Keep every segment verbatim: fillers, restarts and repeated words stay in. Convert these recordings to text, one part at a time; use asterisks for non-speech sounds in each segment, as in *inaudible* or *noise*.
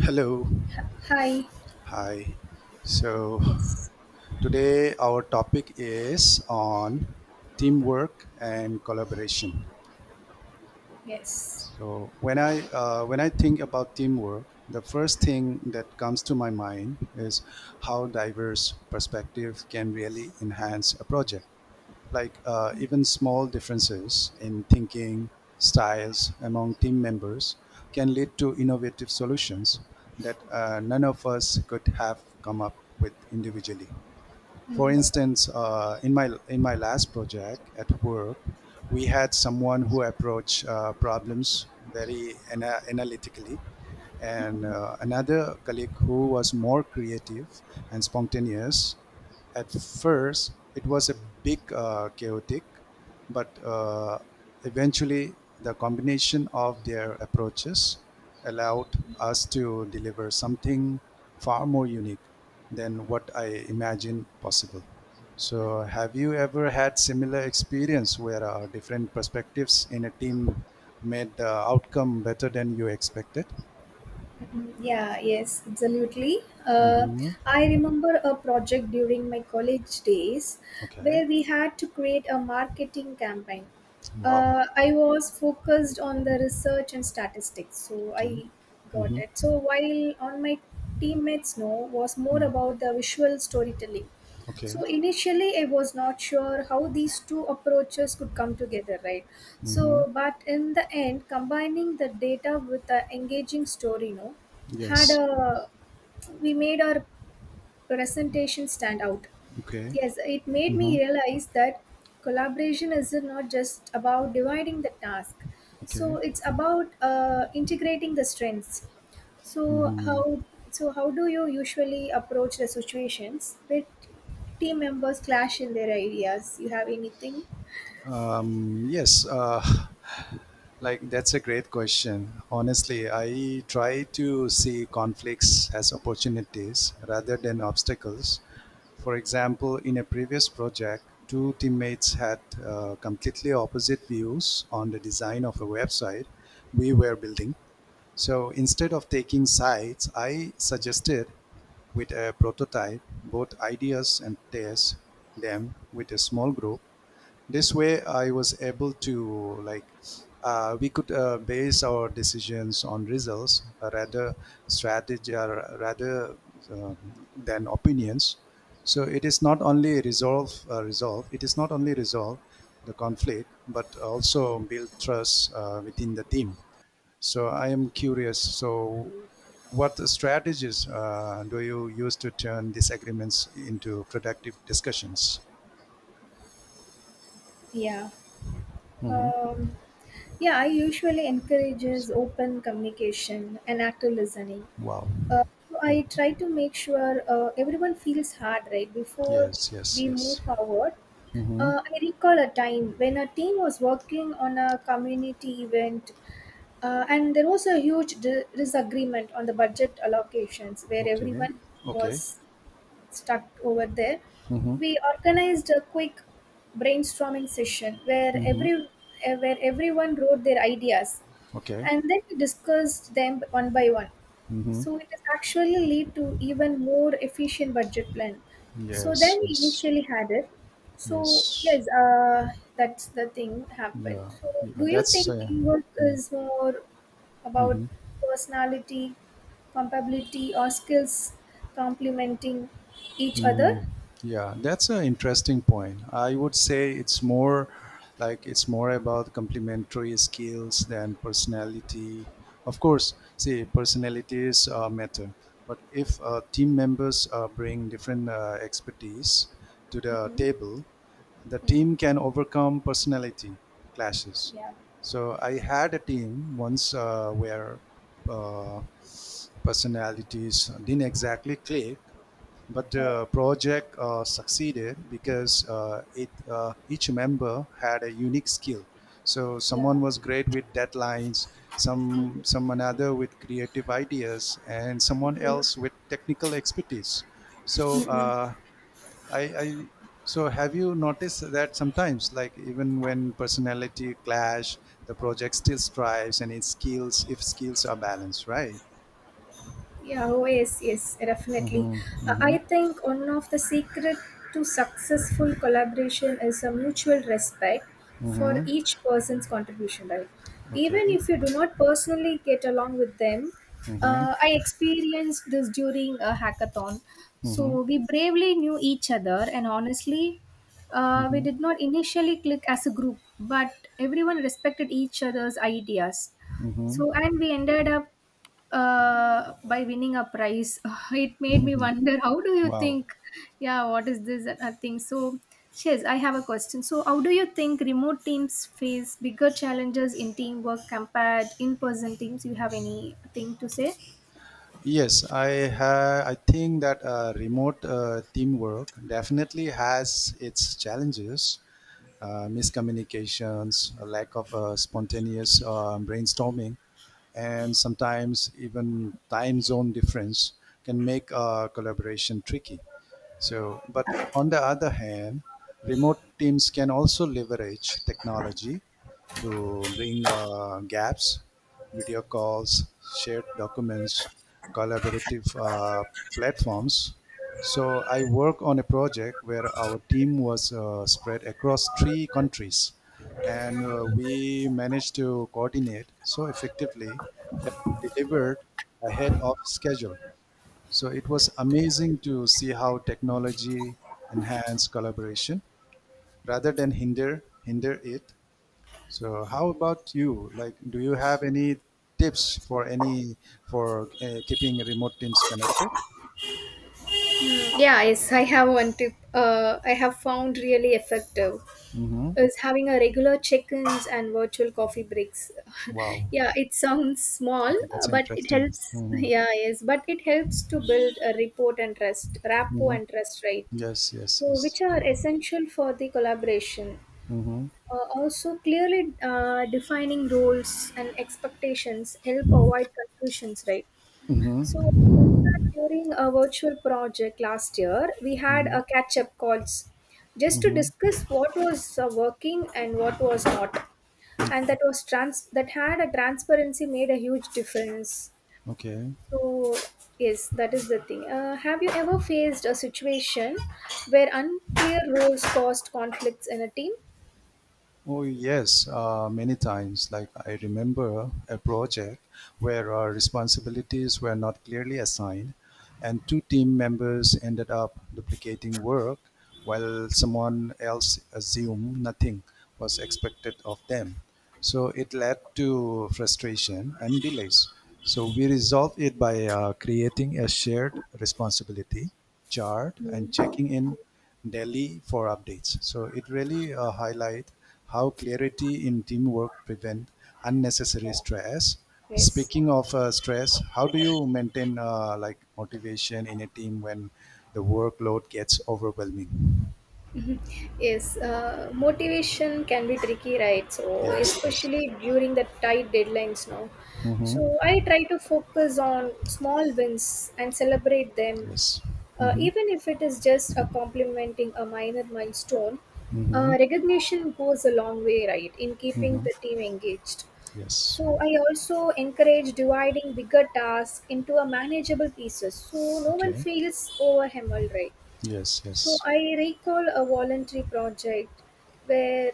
Hello. Hi. Hi. So Yes. today our topic is on teamwork and collaboration. Yes. So when I uh, when I think about teamwork, the first thing that comes to my mind is how diverse perspective can really enhance a project. Like uh, even small differences in thinking styles among team members can lead to innovative solutions that uh, none of us could have come up with individually. For Mm, instance, uh, in my in my last project at work, we had someone who approached uh, problems very ana- analytically, and uh, another colleague who was more creative and spontaneous. At first, it was a big uh, chaotic, but uh, eventually the combination of their approaches allowed us to deliver something far more unique than what I imagined possible. So, have you ever had similar experience where uh, different perspectives in a team made the outcome better than you expected? mm, Yeah, yes, absolutely. Uh, Mm-hmm. I remember a project during my college days Okay. where we had to create a marketing campaign. Wow. Uh, I was focused on the research and statistics, so Okay. I got Mm-hmm. it. So while on my teammates know was more Mm-hmm. about the visual storytelling. Okay. So initially, I was not sure how these two approaches could come together, right? Mm-hmm. So, but in the end, combining the data with the engaging story, no, had Yes. a we made our presentation stand out. Okay. Yes, it made me Mm-hmm. realize that collaboration is not just about dividing the task. So Okay. it's about uh, integrating the strengths. So hmm how so how do you usually approach the situations with team members clash in their ideas? You have anything? Um, yes, uh, *laughs* like that's a great question. Honestly, I try to see conflicts as opportunities rather than obstacles. For example, in a previous project, two teammates had uh, completely opposite views on the design of a website we were building. So instead of taking sides, I suggested with a prototype both ideas and test them with a small group. This way, I was able to like uh, we could uh, base our decisions on results uh, rather strategy uh, rather um, than opinions. So it is not only resolve uh, resolve. It is not only resolve the conflict, but also build trust uh, within the team. So I am curious. So, what strategies uh, do you use to turn disagreements into productive discussions? Yeah. hmm Um, yeah, I usually encourages open communication and active listening. Wow. Uh, so I try to make sure uh, everyone feels heard right before Yes. Yes. we Yes. move forward. hmm Uh, I recall a time when a team was working on a community event, Uh, and there was a huge di- disagreement on the budget allocations where Okay. everyone was Okay. stuck over there. hmm We organized a quick brainstorming session where hmm every eh, where everyone wrote their ideas Okay. and then we discussed them one by one. hmm So it is actually lead to even more efficient budget plan. So Yes. then we Yes. initially had it. So Yes. yes, uh, that's the thing happened. Yeah. So yeah. do you That's. think Uh, teamwork is more about mhm. personality, compatibility, or skills complementing each Mhm. other? Yeah, that's an interesting point. I would say it's more like it's more about complementary skills than personality. Of course, see, personalities uh, matter, but if uh, team members uh, bring different uh, expertise to the Mm-hmm. table, the team can overcome personality clashes. Yeah. So I had a team once uh, where uh, personalities didn't exactly click, but the Oh, project uh, succeeded because uh, it uh, each member had a unique skill. So yeah. someone was great with deadlines, some some another with creative ideas, and someone else with technical expertise. So uh, I, I so have you noticed that sometimes, like even when personality clash, the project still strives and its skills, if skills are balanced, right? Yeah, oh yes, yes, definitely. Mm-hmm. Uh, Mm-hmm. I think one of the secret to successful collaboration is a mutual respect for Mm-hmm. each person's contribution, right? Even Okay. if you do not personally get along with them, Mm-hmm. uh, I experienced this during a hackathon. Mm-hmm. So we bravely knew each other, and honestly, uh, we Mm-hmm. did not initially click as a group, but everyone respected each other's ideas Mm-hmm. so and we ended up uh, by winning a prize. *laughs* It made me wonder, how do you Wow. think? Yeah, what is this uh, thing? So, Shiz, I have a question. So, how do you think remote teams face bigger challenges in teamwork compared in-person teams? You have anything to say? Yes, I ha- I think that uh, remote uh, teamwork definitely has its challenges, uh, miscommunications, a lack of uh, spontaneous uh, brainstorming, and sometimes even time zone difference can make uh, collaboration tricky. So, but on the other hand, remote teams can also leverage technology to bring uh, gaps, video calls, shared documents, collaborative uh, platforms. So, I work on a project where our team was uh, spread across three countries and uh, we managed to coordinate so effectively that we delivered ahead of schedule. So it was amazing to see how technology enhanced collaboration rather than hinder hinder it. So how about you? Like, do you have any tips for any for uh, keeping remote teams connected? Yeah, yes, I have one tip. Uh, I have found really effective. Mm-hmm. Is having a regular check-ins and virtual coffee breaks *laughs* Wow, yeah it sounds yeah, small that's uh, but it interesting. helps *laughs* Mm-hmm. yeah yes but it helps to build a rapport and trust rapport Mm-hmm. and trust, right? Yes, yes, So which yes. are essential for the collaboration, Mm-hmm. uh, also clearly uh, defining roles and expectations help avoid confusions, right? Mm-hmm. So, in fact, during a virtual project last year, we had Mm-hmm. a catch up calls just to Mm-hmm. discuss what was uh, working and what was not. And Okay. that was trans that had a transparency made a huge difference. Okay. So, yes, that is the thing. Uh, have you ever faced a situation where unclear roles caused conflicts in a team? Oh, yes, uh, many times. Like, I remember a project where our responsibilities were not clearly assigned, and two team members ended up duplicating work while someone else assumed nothing was expected of them. So, it led to frustration and delays. So, we resolved it by uh, creating a shared responsibility chart and checking in Delhi for updates. So it really uh, highlight how clarity in teamwork prevent unnecessary Yeah. stress. Yes. Speaking of uh, stress, how do you maintain uh, like motivation in a team when the workload gets overwhelming? Yes, uh, motivation can be tricky, right? So, Yes, yes, especially during the tight deadlines now. So, mm-hmm. I try to focus on small wins and celebrate them, Yes, uh, mm-hmm. even if it is just a complimenting a minor milestone. Uh, Mm-hmm. recognition goes a long way, right, in keeping Mm-hmm. the team engaged. Yes. So, I also encourage dividing bigger tasks into a manageable pieces so no one Okay. feels overwhelmed, right? Yes, So yes. I recall a voluntary project where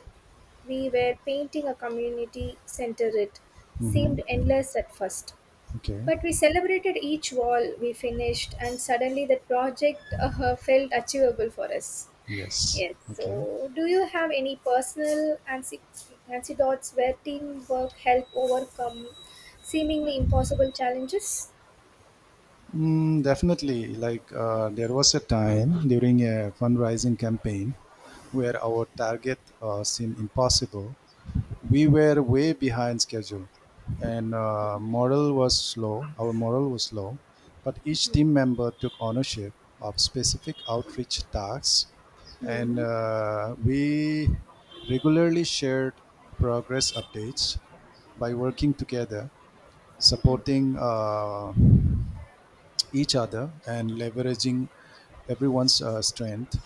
we were painting a community center. It seemed Mm-hmm. endless at first, Okay. but we celebrated each wall we finished, and suddenly the project uh, felt achievable for us. Yes. Yes. Okay. So, do you have any personal anci- anecdotes where teamwork helped overcome seemingly impossible challenges? Mm, definitely. Like uh, there was a time during a fundraising campaign where our target uh, seemed impossible. We were way behind schedule, and uh, morale was slow. Our morale was slow, but each team member took ownership of specific outreach tasks, and uh, we regularly shared progress updates by working together, supporting uh, each other and leveraging everyone's uh, strength.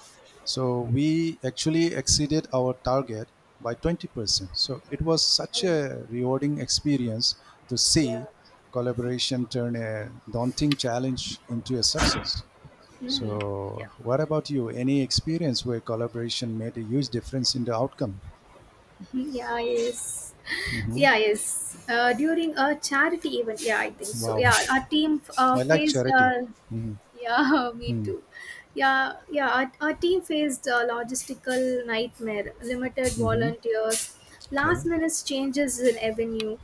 So we actually exceeded our target by twenty percent. So it was such Oh, a rewarding experience to yeah. see collaboration turn a daunting challenge into a success. Yeah. So what about you? Any experience where collaboration made a huge difference in the outcome? yeah yes hmm yeah yes uh, During a charity event, yeah, I think so. Yeah, Wow. our team uh, I like faced charity. uh, yeah, *laughs* me Mm-hmm. too. Yeah, yeah. Our, our team faced a logistical nightmare, limited hmm volunteers, last Okay. minute changes in avenue,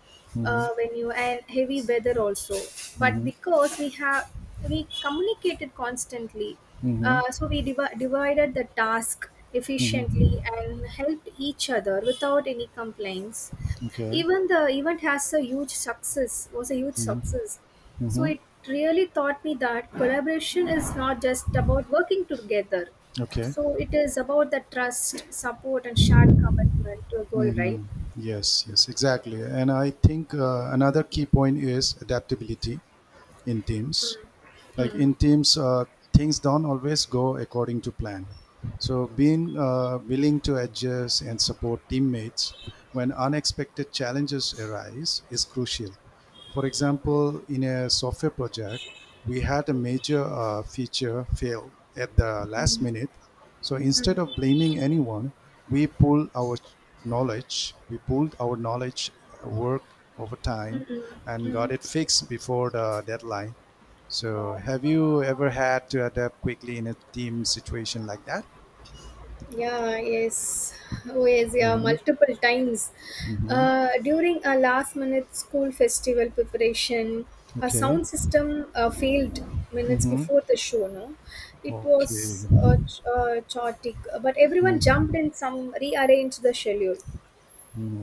uh, Mhm. venue, and heavy weather also. But Mhm. because we have we communicated constantly, Mhm. uh, so we divi- divided the task efficiently Mhm. and helped each other without any complaints. Okay. Even the event has a huge success. Was a huge success so Mhm. it really taught me that collaboration is not just about working together. Okay. So it is about the trust, support, and shared commitment to a goal, right? Mhm. Yes. Yes. Exactly. And I think uh, another key point is adaptability in teams. Like Mm. in teams, uh, things don't always go according to plan. So being uh, willing to adjust and support teammates when unexpected challenges arise is crucial. For example, in a software project, we had a major uh, feature fail at the last minute. So Mm. instead of blaming anyone, we pull our knowledge, we pulled our knowledge, uh, work over time and got Mm. it fixed before the deadline. So Wow. have you ever had to adapt quickly in a team situation like that? Yeah, yes, Oh, yes. yeah, Mm-hmm. multiple times. Mm-hmm. Uh, during a last minute school festival preparation, our Okay. sound system uh, failed minutes Mm-hmm. before the show. No, it Okay. was uh, ch- uh, chaotic, but everyone Mm-hmm. jumped in some rearranged the schedule.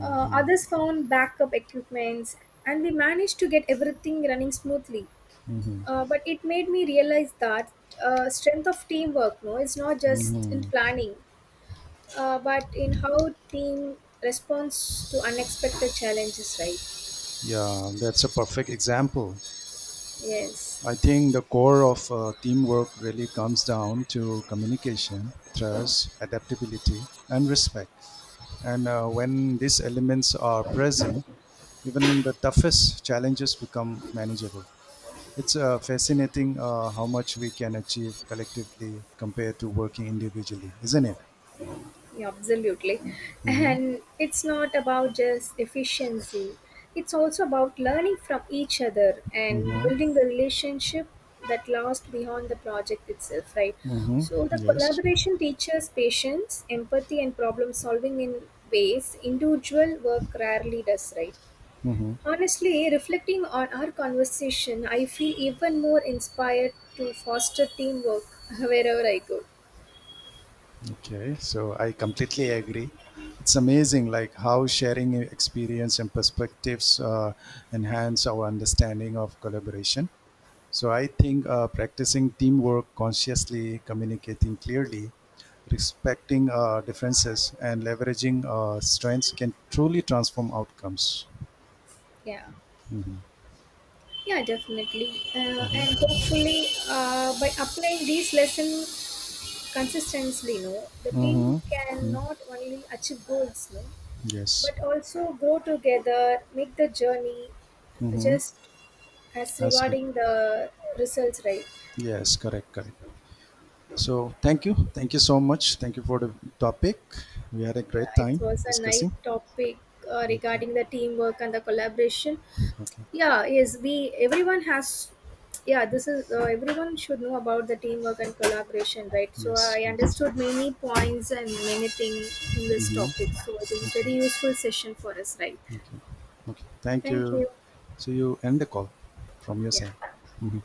Uh, others found backup equipments, and we managed to get everything running smoothly. Uh, but it made me realize that uh, strength of teamwork, no, is not just in Mm-hmm. planning uh, but in how team responds to unexpected challenges, right? Yeah, that's a perfect example. Yes, I think the core of uh, teamwork really comes down to communication, trust, adaptability, and respect. And uh, when these elements are present, even the toughest challenges become manageable. It's uh, fascinating uh, how much we can achieve collectively compared to working individually, isn't it? yeah, absolutely. Mm-hmm. And it's not about just efficiency, it's also about learning from each other and Mm-hmm. building the relationship that lasts beyond the project itself, right? Mm-hmm. So the Yes. collaboration teaches patience empathy and problem solving in ways individual work rarely does, right? Mm-hmm. Honestly, reflecting on our conversation, I feel even more inspired to foster teamwork *laughs* wherever I go. Okay, so I completely agree. It's amazing, like how sharing experience and perspectives uh, enhance our understanding of collaboration. So I think uh, practicing teamwork consciously, communicating clearly, respecting uh, differences, and leveraging uh, strengths can truly transform outcomes. Yeah. Yeah, definitely. Uh, and hopefully, uh, by applying these lessons consistently, no, the Mm-hmm. team can not only achieve goals, no, Yes. but also grow together, make the journey Mm-hmm. just as rewarding the results, right? Yes, correct, correct. So thank you. Thank you so much. Thank you for the topic. We had a Yeah, great it time was a night discussing. topic uh, Okay. regarding the teamwork and the collaboration. Okay. Yeah, yes, we everyone has. Yeah, this is uh, everyone should know about the teamwork and collaboration, right? So Yes. I Yes. understood many points and many things in this Mm-hmm. topic. So it is Okay. very useful session for us, right? Okay. Okay. Thank Thank you. you. So you end the call from your Yeah. side. Mhm.